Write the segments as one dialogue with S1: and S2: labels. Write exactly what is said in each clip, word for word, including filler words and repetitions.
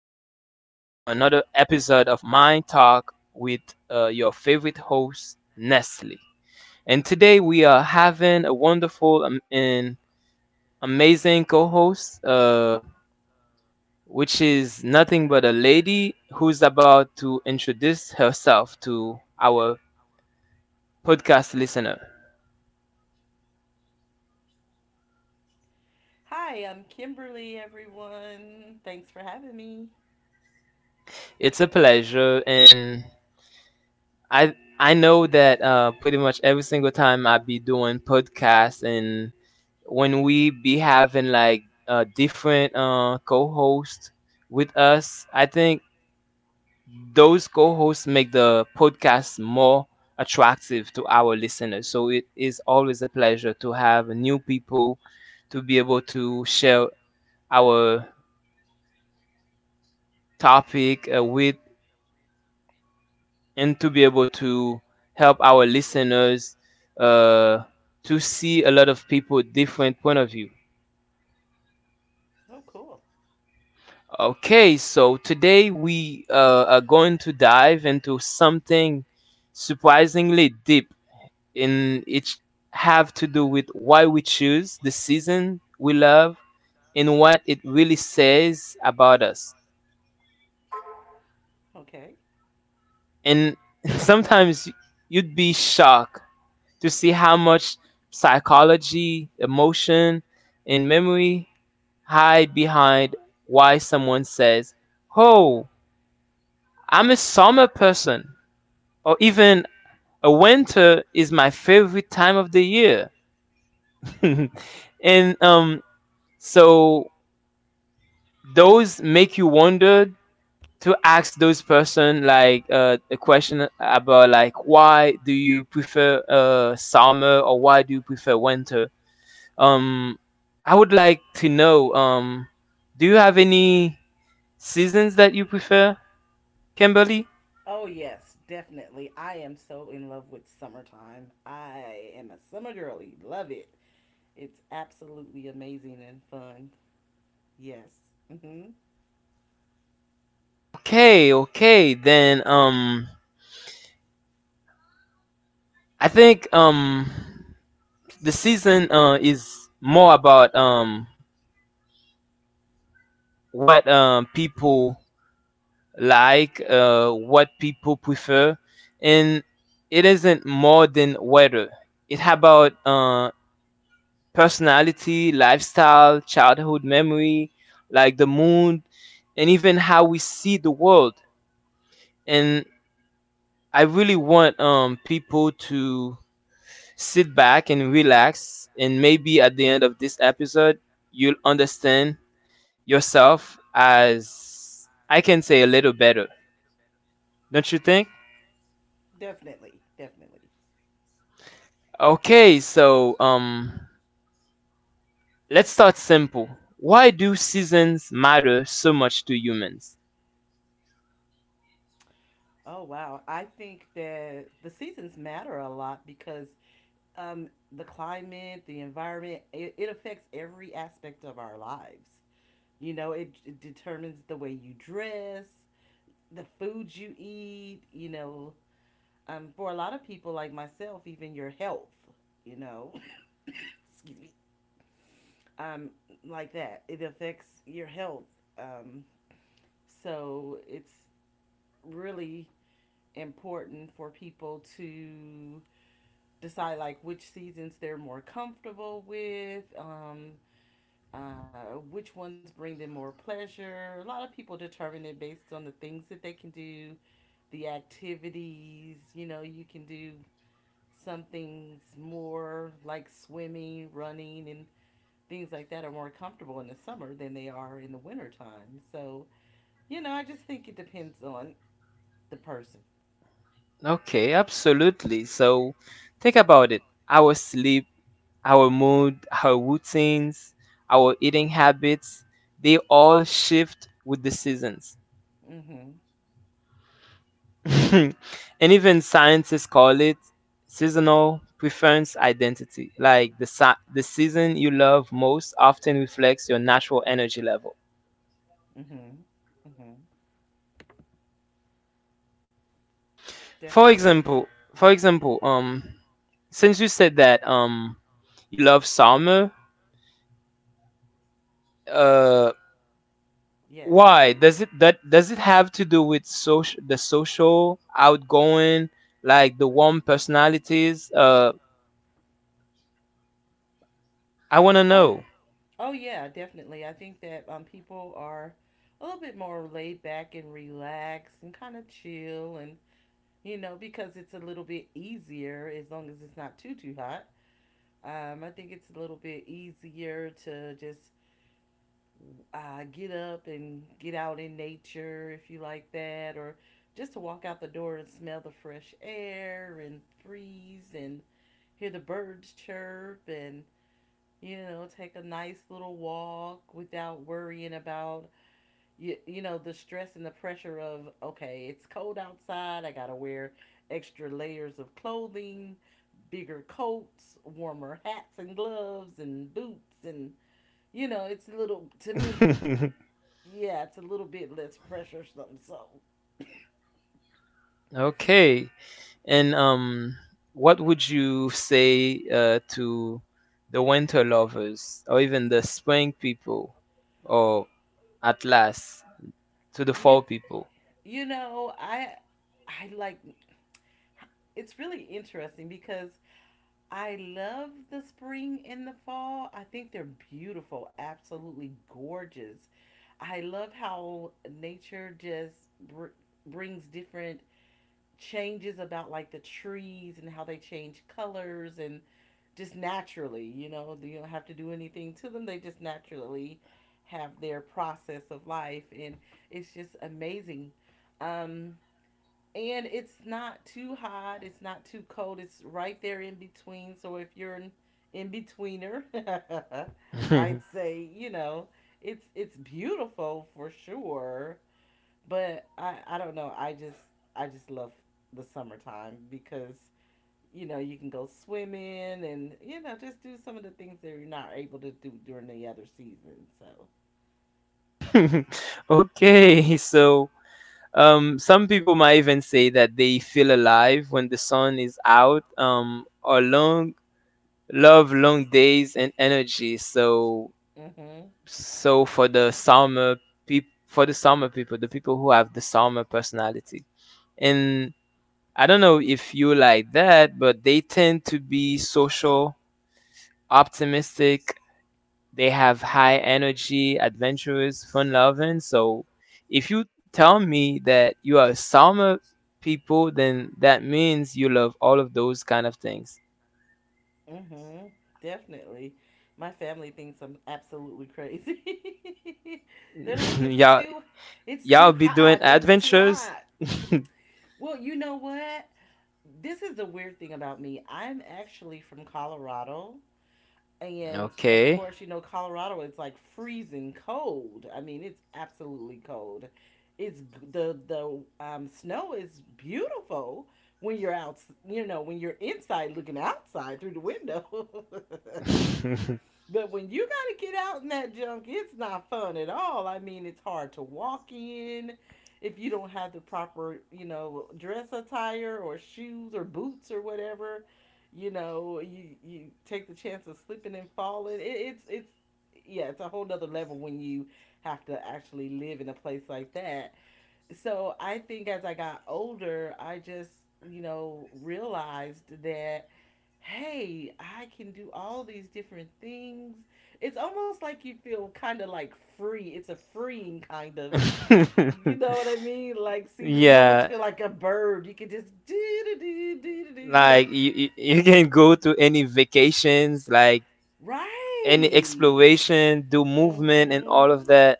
S1: another episode of Mind Talk with uh, your favorite host, Nestle. And today we are having a wonderful um, and amazing co host, uh, which is nothing but a lady who's about to introduce herself to our podcast listener.
S2: Hi, I'm Kimberly, everyone. Thanks for having me.
S1: It's a pleasure, and I I know that uh, pretty much every single time I be doing podcasts and when we be having like uh, different uh, co-hosts with us, I think those co-hosts make the podcast more attractive to our listeners. So it is always a pleasure to have new people to be able to share our topic uh, with and to be able to help our listeners uh, to see a lot of people different point of view.
S2: Oh, cool.
S1: Okay, so today we uh, are going to dive into something surprisingly deep in it, have to do with why we choose the season we love and what it really says about us.
S2: Okay.
S1: And sometimes you'd be shocked to see how much psychology, emotion, and memory hide behind why someone says, "Oh, I'm a summer person," or even Uh, winter is my favorite time of the year. and um so those make you wonder to ask those person like uh, a question about like why do you prefer uh summer or why do you prefer winter um I would like to know um do you have any seasons that you prefer, Kimberly?
S2: Oh, yes, definitely. I am so in love with summertime. I am a summer girly. Love it. It's absolutely amazing and fun. Yes. hmm
S1: Okay okay then, um I think um the season uh, is more about um, what um, people like, uh, what people prefer, and it isn't more than weather. It about uh, personality, lifestyle, childhood memory, like the moon, and even how we see the world. And I really want um, people to sit back and relax, and maybe at the end of this episode, you'll understand yourself as I can say a little better, don't you think?
S2: Definitely. Definitely.
S1: Okay, so um, let's start simple. Why do seasons matter so much to humans?
S2: Oh, wow. I think that the seasons matter a lot because um, the climate, the environment, it, it affects every aspect of our lives. You know, it, it determines the way you dress, the foods you eat, you know, um, for a lot of people like myself, even your health, you know, excuse me, um, like that. It affects your health. Um, so it's really important for people to decide like which seasons they're more comfortable with, um, uh, which ones bring them more pleasure. A lot of people determine it based on the things that they can do, the activities. You know, you can do some things more like swimming, running, and things like that are more comfortable in the summer than they are in the winter time. So, you know, I just think it depends on the person.
S1: Okay, absolutely. So think about it. Our sleep, our mood, our routines, our eating habits, they all shift with the seasons.
S2: Mhm.
S1: And even scientists call it seasonal preference identity. Like the si- the season you love most often reflects your natural energy level.
S2: Mhm. Mhm.
S1: For
S2: Definitely.
S1: example, for example, um, since you said that um, you love summer, uh,
S2: Yes, I
S1: why
S2: did.
S1: does it that does it have to do with social the social outgoing like the warm personalities? Uh, I wanna
S2: Oh,
S1: know.
S2: oh yeah, definitely. I think that um, people are a little bit more laid back and relaxed and kind of chill, and you know, because it's a little bit easier as long as it's not too too hot. Um, I think it's a little bit easier to just uh, get up and get out in nature if you like that, or just to walk out the door and smell the fresh air and breeze and hear the birds chirp and, you know, take a nice little walk without worrying about you, you know, the stress and the pressure of, okay, it's cold outside, I gotta wear extra layers of clothing, bigger coats, warmer hats and gloves and boots, and you know, it's a little, to me, yeah, it's a little bit less pressure or something. So
S1: Okay. And um, what would you say uh, to the winter lovers, or even the spring people, or at last to the
S2: you
S1: fall people?
S2: you know, I I like, it's really interesting because I love the spring and the fall. I think they're beautiful, absolutely gorgeous. I love how nature just br- brings different changes about like the trees and how they change colors, and just naturally, you know, you don't have to do anything to them. They just naturally have their process of life, and it's just amazing. Um and it's not too hot, it's not too cold. It's right there in between. So if you're an in betweener, I'd say, you know, it's it's beautiful for sure. But I, I don't know. I just, I just love the summertime because, you know, you can go swimming and you know just do some of the things that you're not able to do during the other season. So
S1: Okay, so um, some people might even say that they feel alive when the sun is out, um, or long love long days and energy. So
S2: mhm,
S1: so for the Salma peop for the Salma people, the people who have the Salma personality, and I don't know if you like that, but they tend to be social, optimistic. They have high energy, adventurous, fun loving. So if you tell me that you are Salma people, then that means you love all of those kind of things.
S2: mhm, definitely. My family thinks I'm absolutely crazy. They're like, it's
S1: Y'all,
S2: too it's
S1: y'all
S2: too
S1: be doing
S2: hot. It's too
S1: adventures.
S2: hot. Well, you know what? This is the weird thing about me. I'm actually from Colorado, and of
S1: Okay.
S2: course, you know, Colorado, it's like freezing cold. I mean, it's absolutely cold. It's, the the um, snow is beautiful when you're out, you know, when you're inside looking outside through the window. But when you got to get out in that junk, it's not fun at all. I mean, it's hard to walk in if you don't have the proper, you know, dress attire or shoes or boots or whatever. You know, you you take the chance of slipping and falling. It, it's it's yeah, it's a whole nother level when you have to actually live in a place like that. So I think as I got older, I just, you know, realized that, hey, I can do all these different things. It's almost like you feel kind of like free. It's a freeing kind of, you know what I mean? Like season, you almost
S1: Yeah,
S2: feel like a bird. You can just do do do do do, you know.
S1: like you, you you can go to any vacations, like any
S2: Right.
S1: exploration, do movement and all
S2: Mhm.
S1: of that.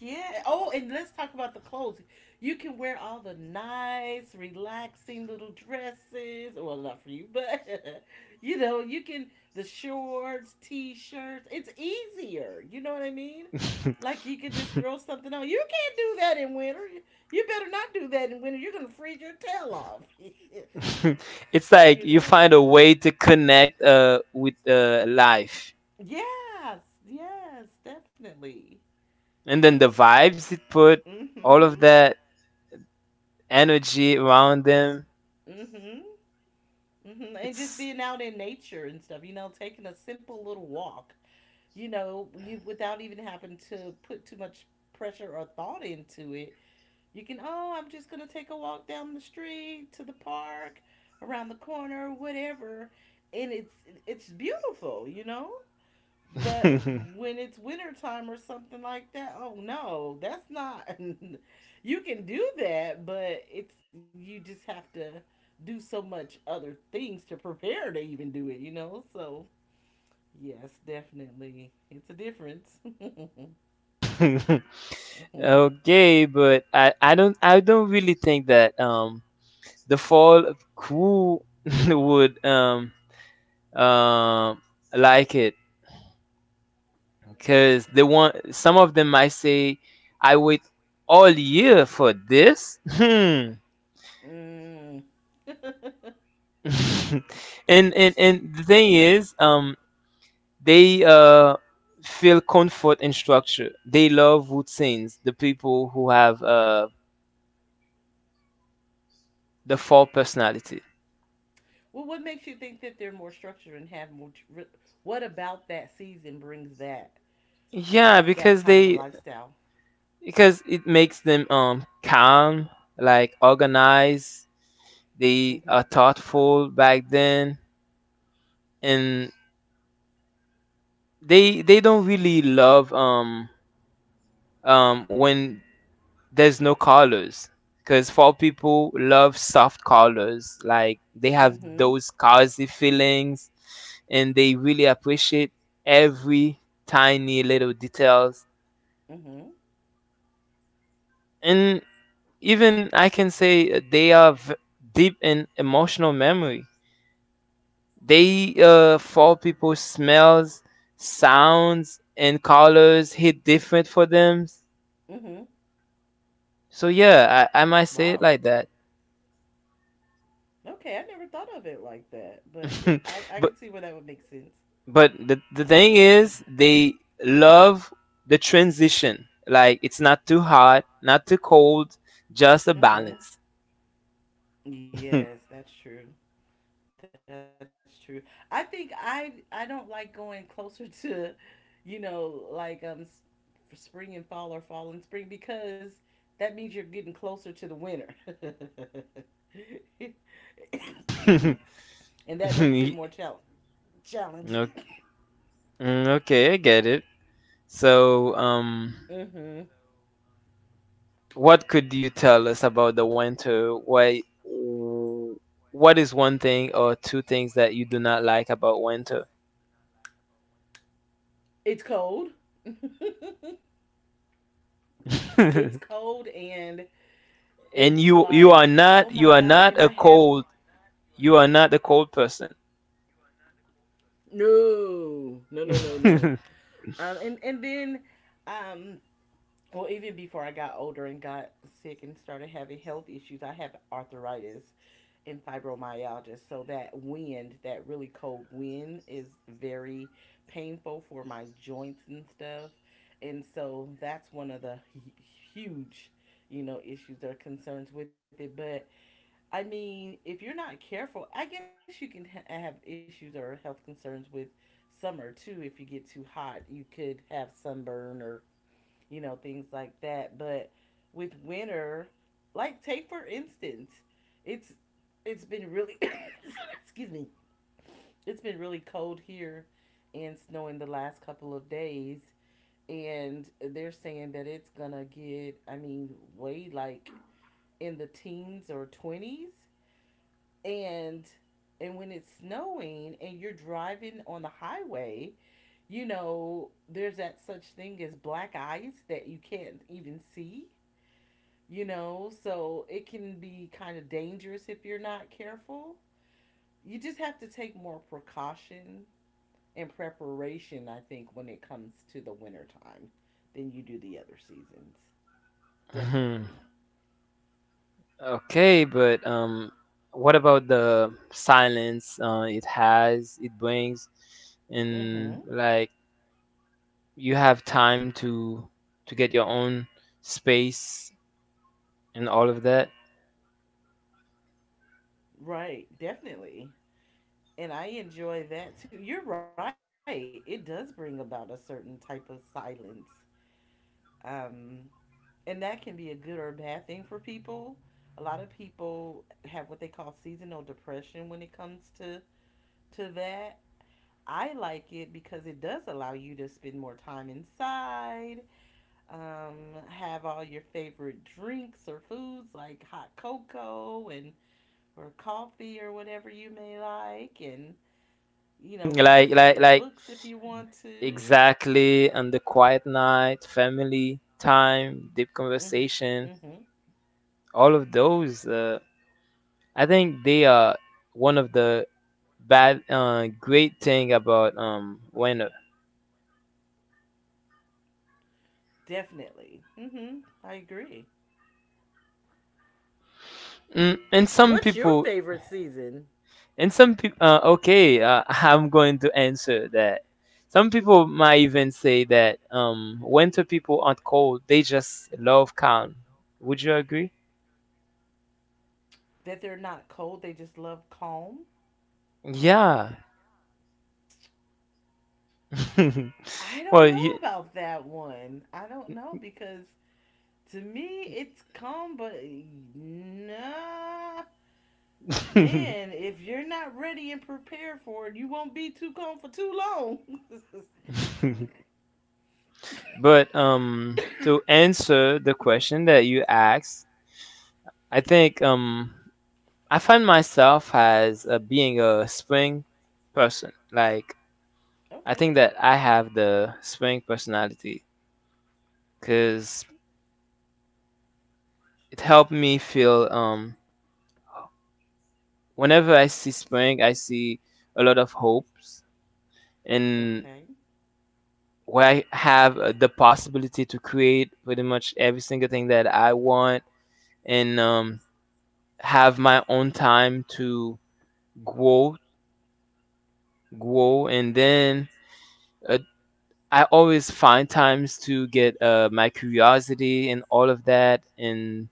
S2: Yeah. Oh, and let's talk about the clothes. You can wear all the nice, relaxing little dresses. Well, not for you, but you know, you can, the shorts, t-shirts. It's easier. You know what I mean? Like you could just throw something on. You can't do that in winter. You better not do that in winter. You're gonna freeze your tail off.
S1: It's like
S2: you
S1: you
S2: know?
S1: find a way to connect uh with uh life.
S2: Yes, yes, definitely.
S1: And then the vibes it put, all
S2: Mhm.
S1: of that energy around them.
S2: Mhm. Mhm. And just
S1: It's
S2: being out in nature and stuff, you know, taking a simple little walk, you know, you without even having to put too much pressure or thought into it. You can, oh, I'm just going to take a walk down the street to the park, around the corner, whatever. And it's it's beautiful, you know? But when it's winter time or something like that, oh no, that's not. you can do that, but it's, you just have to do so much other things to prepare to even do it, you know? So, yes, definitely. It's a difference. mm.
S1: okay, but I I don't I don't really think that um the fall of cool would um um like it because they want some of them might say I wait all year for this hmm
S2: well,
S1: And and and the thing is, um they uh feel comfort in structure, they love routines, the people who have uh the four personality,
S2: what makes you think that they're more structured and have more? tr- What about that season brings that?
S1: yeah,
S2: That
S1: because
S2: kind of a
S1: they,
S2: lifestyle.
S1: because it makes them um calm, like organized. They are
S2: Mhm.
S1: thoughtful back then, and they they don't really love um um when there's no colors, because fall people love soft colors, like they have
S2: Mhm.
S1: those cozy feelings, and they really appreciate every tiny little details,
S2: Mhm.
S1: and even I can say they are v- deep in emotional memory. They, uh fall people, smells, sounds and colors hit different for them.
S2: Mhm.
S1: So yeah, I, I might say it
S2: Wow.
S1: like that.
S2: Okay, I never thought of it like that, but it, I I
S1: but
S2: can see where that would make sense.
S1: but the, the thing is they love the transition. Like it's not too hot, not too cold, just a balance.
S2: Mhm. Yes, that's true. That's true. I think I I don't like going closer to, you know, like um s- for spring and fall or fall and spring because that means you're getting closer to the winter. and that makes
S1: Ye-
S2: it more challenging.
S1: no-
S2: Challenging.
S1: mm, okay, I get it. So um
S2: Mm-hmm.
S1: what could you tell us about the winter? Why what is one thing or two things that you do not like about winter?
S2: It's cold. it's
S1: And
S2: cold and it's
S1: you you are
S2: like, oh
S1: not you
S2: my
S1: are
S2: gosh.
S1: not
S2: And
S1: a
S2: I have
S1: cold you are not a cold person.
S2: no, no, no, no, no. Um, and and then, um, well, even before I got older and got sick and started having health issues, I have arthritis, in fibromyalgia. So that wind, that really cold wind, is very painful for my joints and stuff. And so that's one of the huge, you know, issues or concerns with it. But I mean, if you're not careful, I guess you can ha- have issues or health concerns with summer too. If you get too hot, you could have sunburn or, you know, things like that. But with winter, like take for instance, it's it's been really excuse me, it's been really cold here and snowing the last couple of days, and they're saying that it's gonna get, I mean, way like in the teens or twenties. and and when it's snowing and you're driving on the highway, you know, there's that such thing as black ice that you can't even see, you know, so it can be kind of dangerous if you're not careful. You just have to take more precaution and preparation, I think, when it comes to the winter time than you do the other seasons.
S1: Mhm.
S2: Definitely.
S1: Okay, but um, what about the silence uh, it has, it brings, and
S2: Mm-hmm.
S1: like you have time to to get your own space and all of that.
S2: Right, definitely. And I enjoy that too. You're right. It does bring about a certain type of silence. Um, and that can be a good or a bad thing for people. A lot of people have what they call seasonal depression when it comes to to that. I like it because it does allow you to spend more time inside, um, have all your favorite drinks or foods like hot cocoa and, or coffee or whatever you may like, and you know, read your
S1: Like like
S2: favorite
S1: like
S2: books if you want to.
S1: exactly on the quiet night, family time, deep
S2: Mm,
S1: conversation,
S2: mm-hmm.
S1: all of those. Uh, I think they are one of the bad uh, great thing about um winter.
S2: Definitely. Mm-hmm. I agree.
S1: mm, and some
S2: What's your
S1: people,
S2: favorite season?
S1: and some people, uh, okay uh, I'm going to answer that. Some people might even say that um winter people aren't cold, they just love calm. Would you agree?
S2: That they're not cold, they just love calm.
S1: Yeah.
S2: I don't
S1: Well,
S2: know
S1: you
S2: about that one. I don't know because to me, it's calm, but nah, man, if you're not ready and prepared for it, you won't be too calm for too long.
S1: but um to answer the question that you asked, I think um I find myself as uh, being a spring person. Like I
S2: okay,
S1: think that I have the spring personality because it helped me feel. Um, whenever I see spring, I see a lot of hopes, and
S2: okay,
S1: where I have uh, the possibility to create pretty much every single thing that I want, and um, have my own time to grow, grow, and then, uh, I always find times to get uh, my curiosity and all of that, and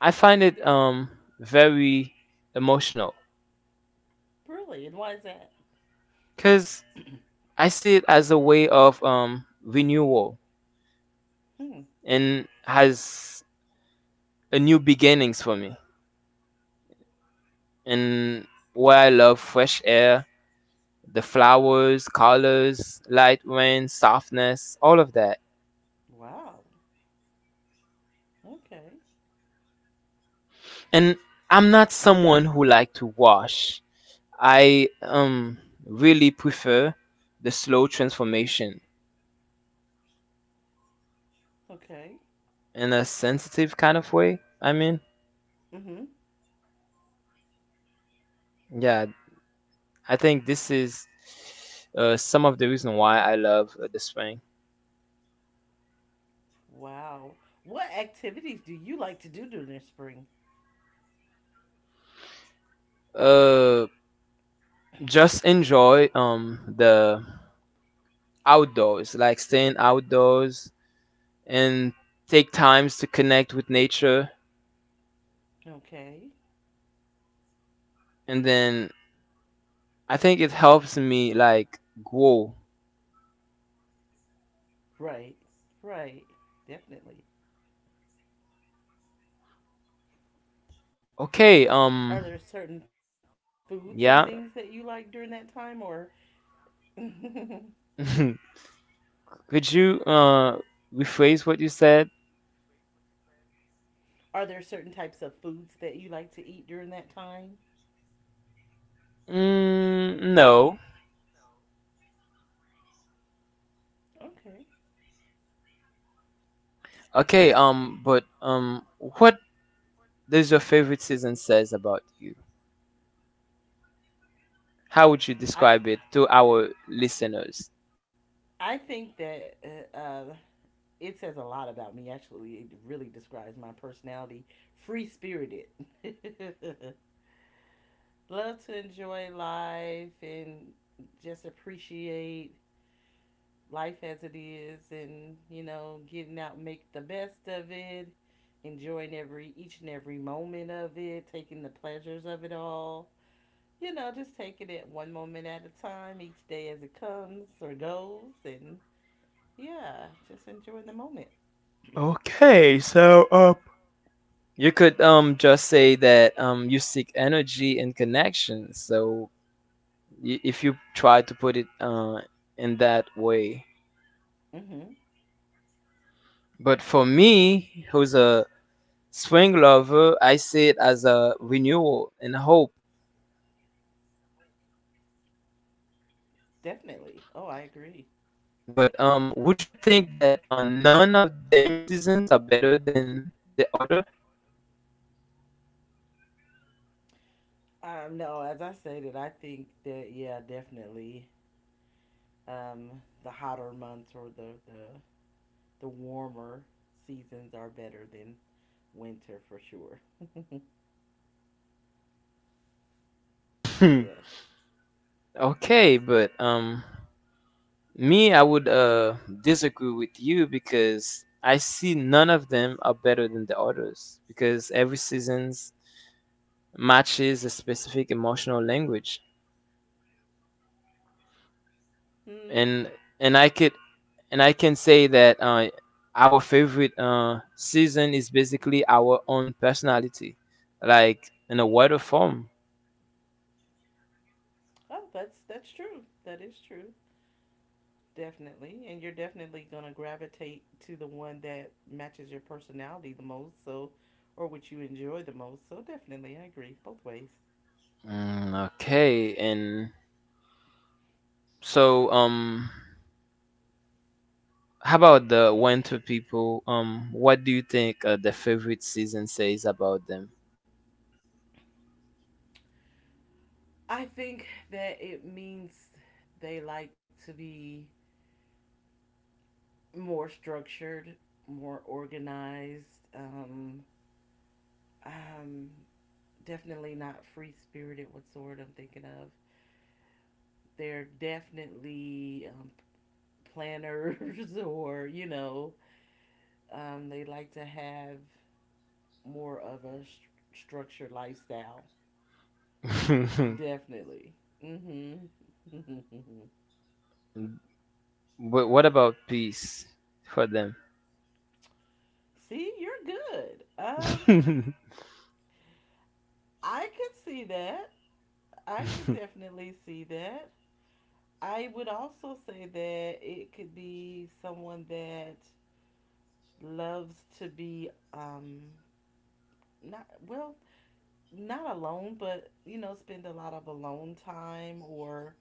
S1: I find it um, very emotional
S2: really, and why is that?
S1: because I see it as a way of um, renewal
S2: Hmm.
S1: and has a new beginnings for me. And where I love fresh air, the flowers, colors, light rain, softness, all of that.
S2: Wow. Okay.
S1: And I'm not someone who like to wash. I um really prefer the slow transformation
S2: Okay.
S1: in a sensitive kind of way. I mean,
S2: Mhm.
S1: yeah, I think this is uh, some of the reason why I love uh, the spring.
S2: Wow. What activities do you like to do during the spring?
S1: Uh, just enjoy um the outdoors, like staying outdoors and take times to connect with nature,
S2: Okay.
S1: and then I think it helps me like grow.
S2: Right. Right. Definitely.
S1: Okay,
S2: Are there
S1: um,
S2: certain foods and things that you like
S1: yeah.
S2: during that time, or?
S1: Could you uh rephrase what you said?
S2: Are there certain types of foods that you like to eat during that time?
S1: Mm, no.
S2: Okay.
S1: Okay, um, but um, what does your favorite season says about you? How would you
S2: I
S1: describe it to our
S2: I-
S1: listeners?
S2: think that uh, uh, it says a lot about me. Actually, it really describes my personality. Free spirited. Love to enjoy life and just appreciate life as it is, and you know, getting out, and make the best of it, enjoying every each and every moment of it, taking the pleasures of it all, you know, just taking it one moment at a time, each day as it comes or goes, and yeah, just enjoying the moment.
S1: Okay. You could um just say that um you seek energy and connection. So y- if you try to put it uh in that way.
S2: Mm-hmm.
S1: But for me, who's a swing lover, I see it as a renewal and hope.
S2: Definitely. Oh, I agree.
S1: But um, would you think that uh, none of them seasons are better than the other?
S2: Um, no, as I stated, I think that yeah, definitely. Um, the hotter months or the the the warmer seasons are better than winter for sure.
S1: Hmm.
S2: yes.
S1: Okay, but um, me, I would uh disagree with you because I see none of them are better than the others because every seasons matches a specific emotional language,
S2: Hmm.
S1: and and I could, and I can say that uh, our favorite uh season is basically our own personality, like in a wider form.
S2: Oh, that's that's true. That is true. Definitely. And you're definitely going to gravitate to the one that matches your personality the most, so, or what you enjoy the most. So definitely, I agree both ways.
S1: Mm, okay, and so um, how about the winter people? Um, what do you think uh, the favorite season says about them?
S2: I think that it means they like to be more structured, more organized, um, um definitely not free spirited. What sort I'm thinking of? They're definitely um, planners, or you know, um, they like to have more of a st- structured lifestyle. Definitely. Mhm.
S1: But what about peace for them?
S2: See, you're good. Um I could see that. I could definitely see that. I would also say that it could be someone that loves to be um not well, not alone, but you know, spend a lot of alone time or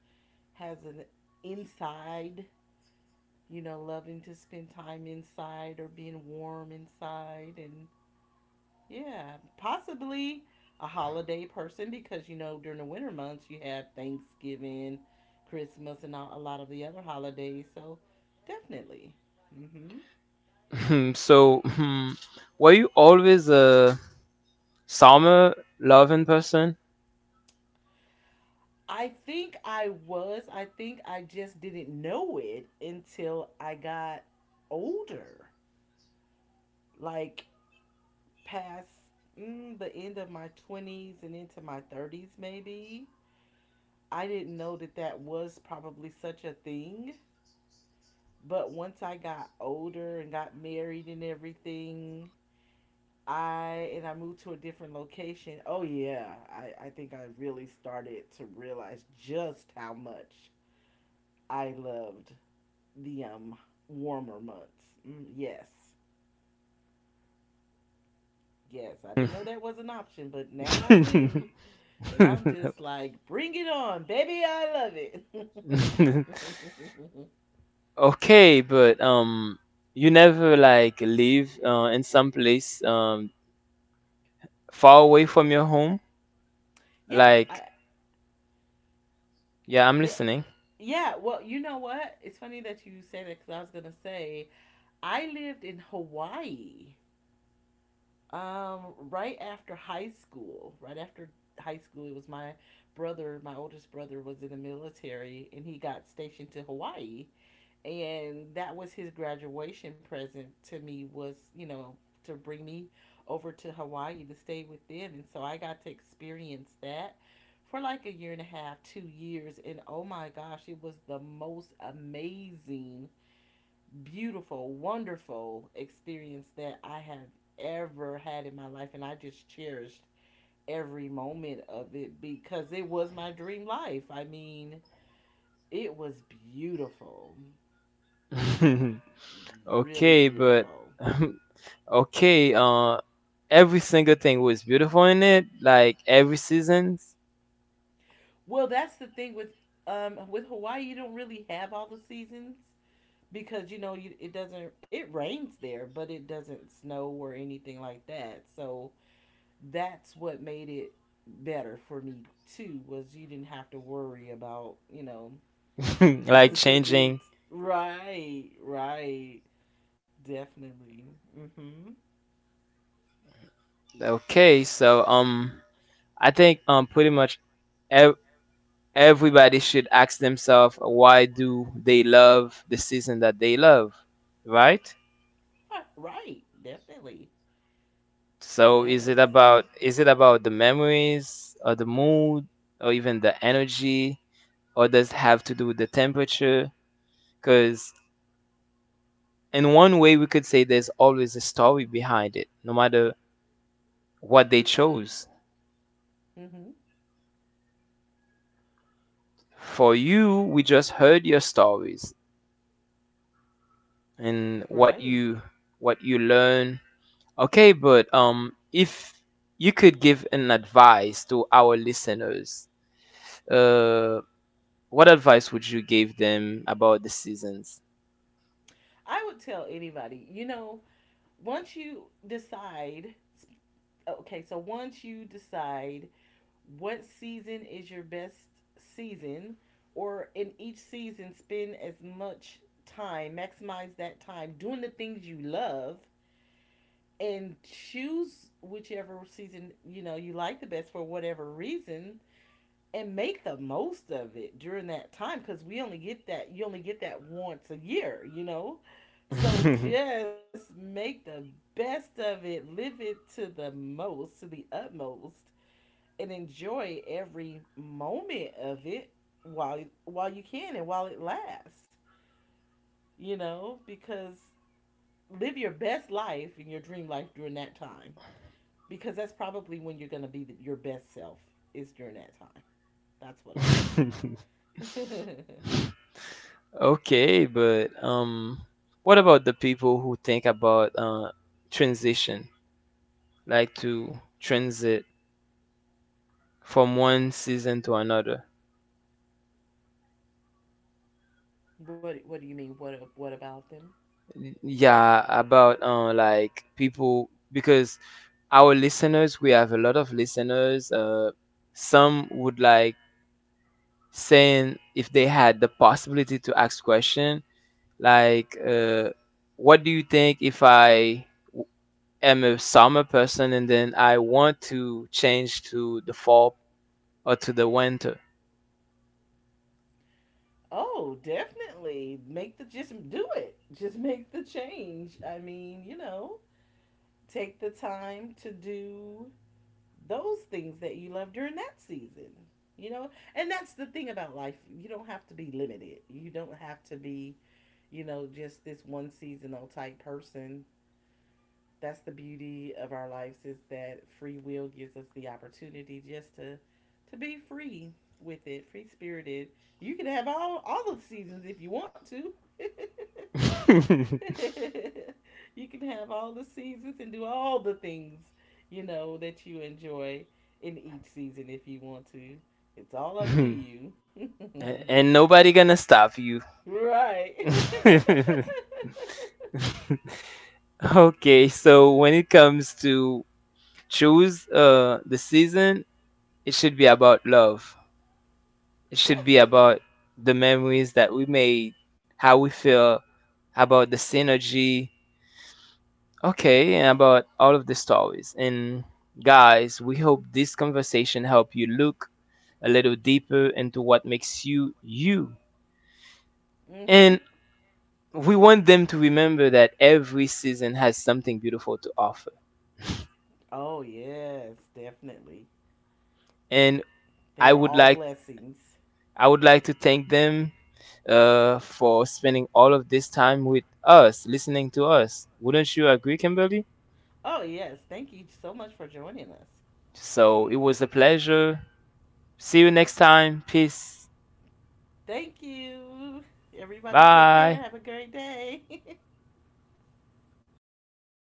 S2: has an inside, you know, loving to spend time inside or being warm inside. And yeah, possibly a holiday person because, you know, during the winter months, you have Thanksgiving, Christmas, and all, a lot of the other holidays. So definitely. Mm-hmm.
S1: So, hmm, were you always a summer loving person?
S2: I think I was. I think I just didn't know it until I got older, like past mm, the end of my twenties and into my thirties, maybe I didn't know that that was probably such a thing. But once I got older and got married and everything, I and I moved to a different location. Oh yeah, I, I think I really started to realize just how much I loved the um warmer months. Mm, yes, yes, I didn't know that was an option, but now I do, and I'm just like, bring it on, baby, I love it.
S1: Okay, but um, you never like live uh, in some place um far away from your home.
S2: Yes, I
S1: Like, yeah, I'm
S2: yeah,
S1: listening.
S2: yeah, well, you know what? It's funny that you say that because I was gonna say I lived in Hawaii um, right after high school. Right after high school, it was my brother, my oldest brother, was in the military and he got stationed to Hawaii, and that was his graduation present to me, was, you know, to bring me over to Hawaii to stay with them. And so I got to experience that for like a year and a half, two years, and oh my gosh, it was the most amazing, beautiful, wonderful experience that I have ever had in my life. And I just cherished every moment of it because it was my dream life. I mean, it was beautiful. Really
S1: Okay, but
S2: beautiful.
S1: okay, uh, every single thing was beautiful in it. Like every seasons,
S2: Well, that's the thing with um with Hawaii, you don't really have all the seasons, because you know, you, it doesn't, it rains there, but it doesn't snow or anything like that. So that's what made it better for me too, was you didn't have to worry about, you know,
S1: like
S2: it being
S1: changing.
S2: right, right, definitely, mm-hmm,
S1: Okay, so um, I think um, pretty much ev- everybody should ask themselves why do they love the season that they love, right?
S2: right, right, definitely.
S1: So is it
S2: Yes.
S1: about is it about the memories or the mood or even the energy or does it have to do with the temperature? Because in one way we could say there's always a story behind it, no matter what they chose.
S2: Mm-hmm.
S1: For you, we just heard your stories and what
S2: Right.
S1: you what you learn. Okay, but um if you could give an advice to our listeners, uh what advice would you give them about the seasons?
S2: I would tell anybody, you know, once you decide, okay, so once you decide what season is your best season, or in each season, spend as much time, maximize that time doing the things you love, and choose whichever season you know you like the best for whatever reason, and make the most of it during that time, because we only get that you only get that once a year, you know, so just make the best of it, live it to the most, to the utmost, and enjoy every moment of it while while you can and while it lasts, you know, because live your best life and your dream life during that time, because that's probably when you're going to be the, your best self, is during that time. That's what I'd say.
S1: Okay, but um, what about the people who think about uh transition, like to transit from one season to another?
S2: What What do you mean? What What about them?
S1: Yeah, about uh, like people, because our listeners, we have a lot of listeners. Uh, some would like saying if they had the possibility to ask question like, uh, what do you think if I w- am a summer person and then I want to change to the fall or to the winter?
S2: Oh, definitely make the, just do it. Just make the change. I mean, you know, take the time to do those things that you love during that season. You know, and that's the thing about life. You don't have to be limited. You don't have to be, you know, just this one seasonal type person. That's the beauty of our lives, is that free will gives us the opportunity just to to be free with it, free spirited. You can have all all the seasons if you want to. You can have all the seasons and do all the things, you know, that you enjoy in each season if you want to. It's all up to
S1: A-
S2: you.
S1: and nobody gonna stop you.
S2: Right.
S1: Okay, so when it comes to choose uh the season, it should be about love. It should be about
S2: Definitely.
S1: the memories that we made, how we feel about the synergy, okay, and about all of the stories. And guys, we hope this conversation help you look a little deeper into what makes you you.
S2: Mhm.
S1: And we want them to remember that every season has something beautiful to offer,
S2: Oh, yes, definitely.
S1: and
S2: They
S1: i
S2: are
S1: would
S2: all
S1: like
S2: blessings.
S1: I would like to thank them uh, for spending all of this time with us listening to us. Wouldn't you agree, Kimberly?
S2: Oh, yes. Thank you so much for joining us.
S1: So it was a pleasure. See you next time. Peace.
S2: Thank you. Everybody, take care.
S1: Bye.
S2: Have a great day.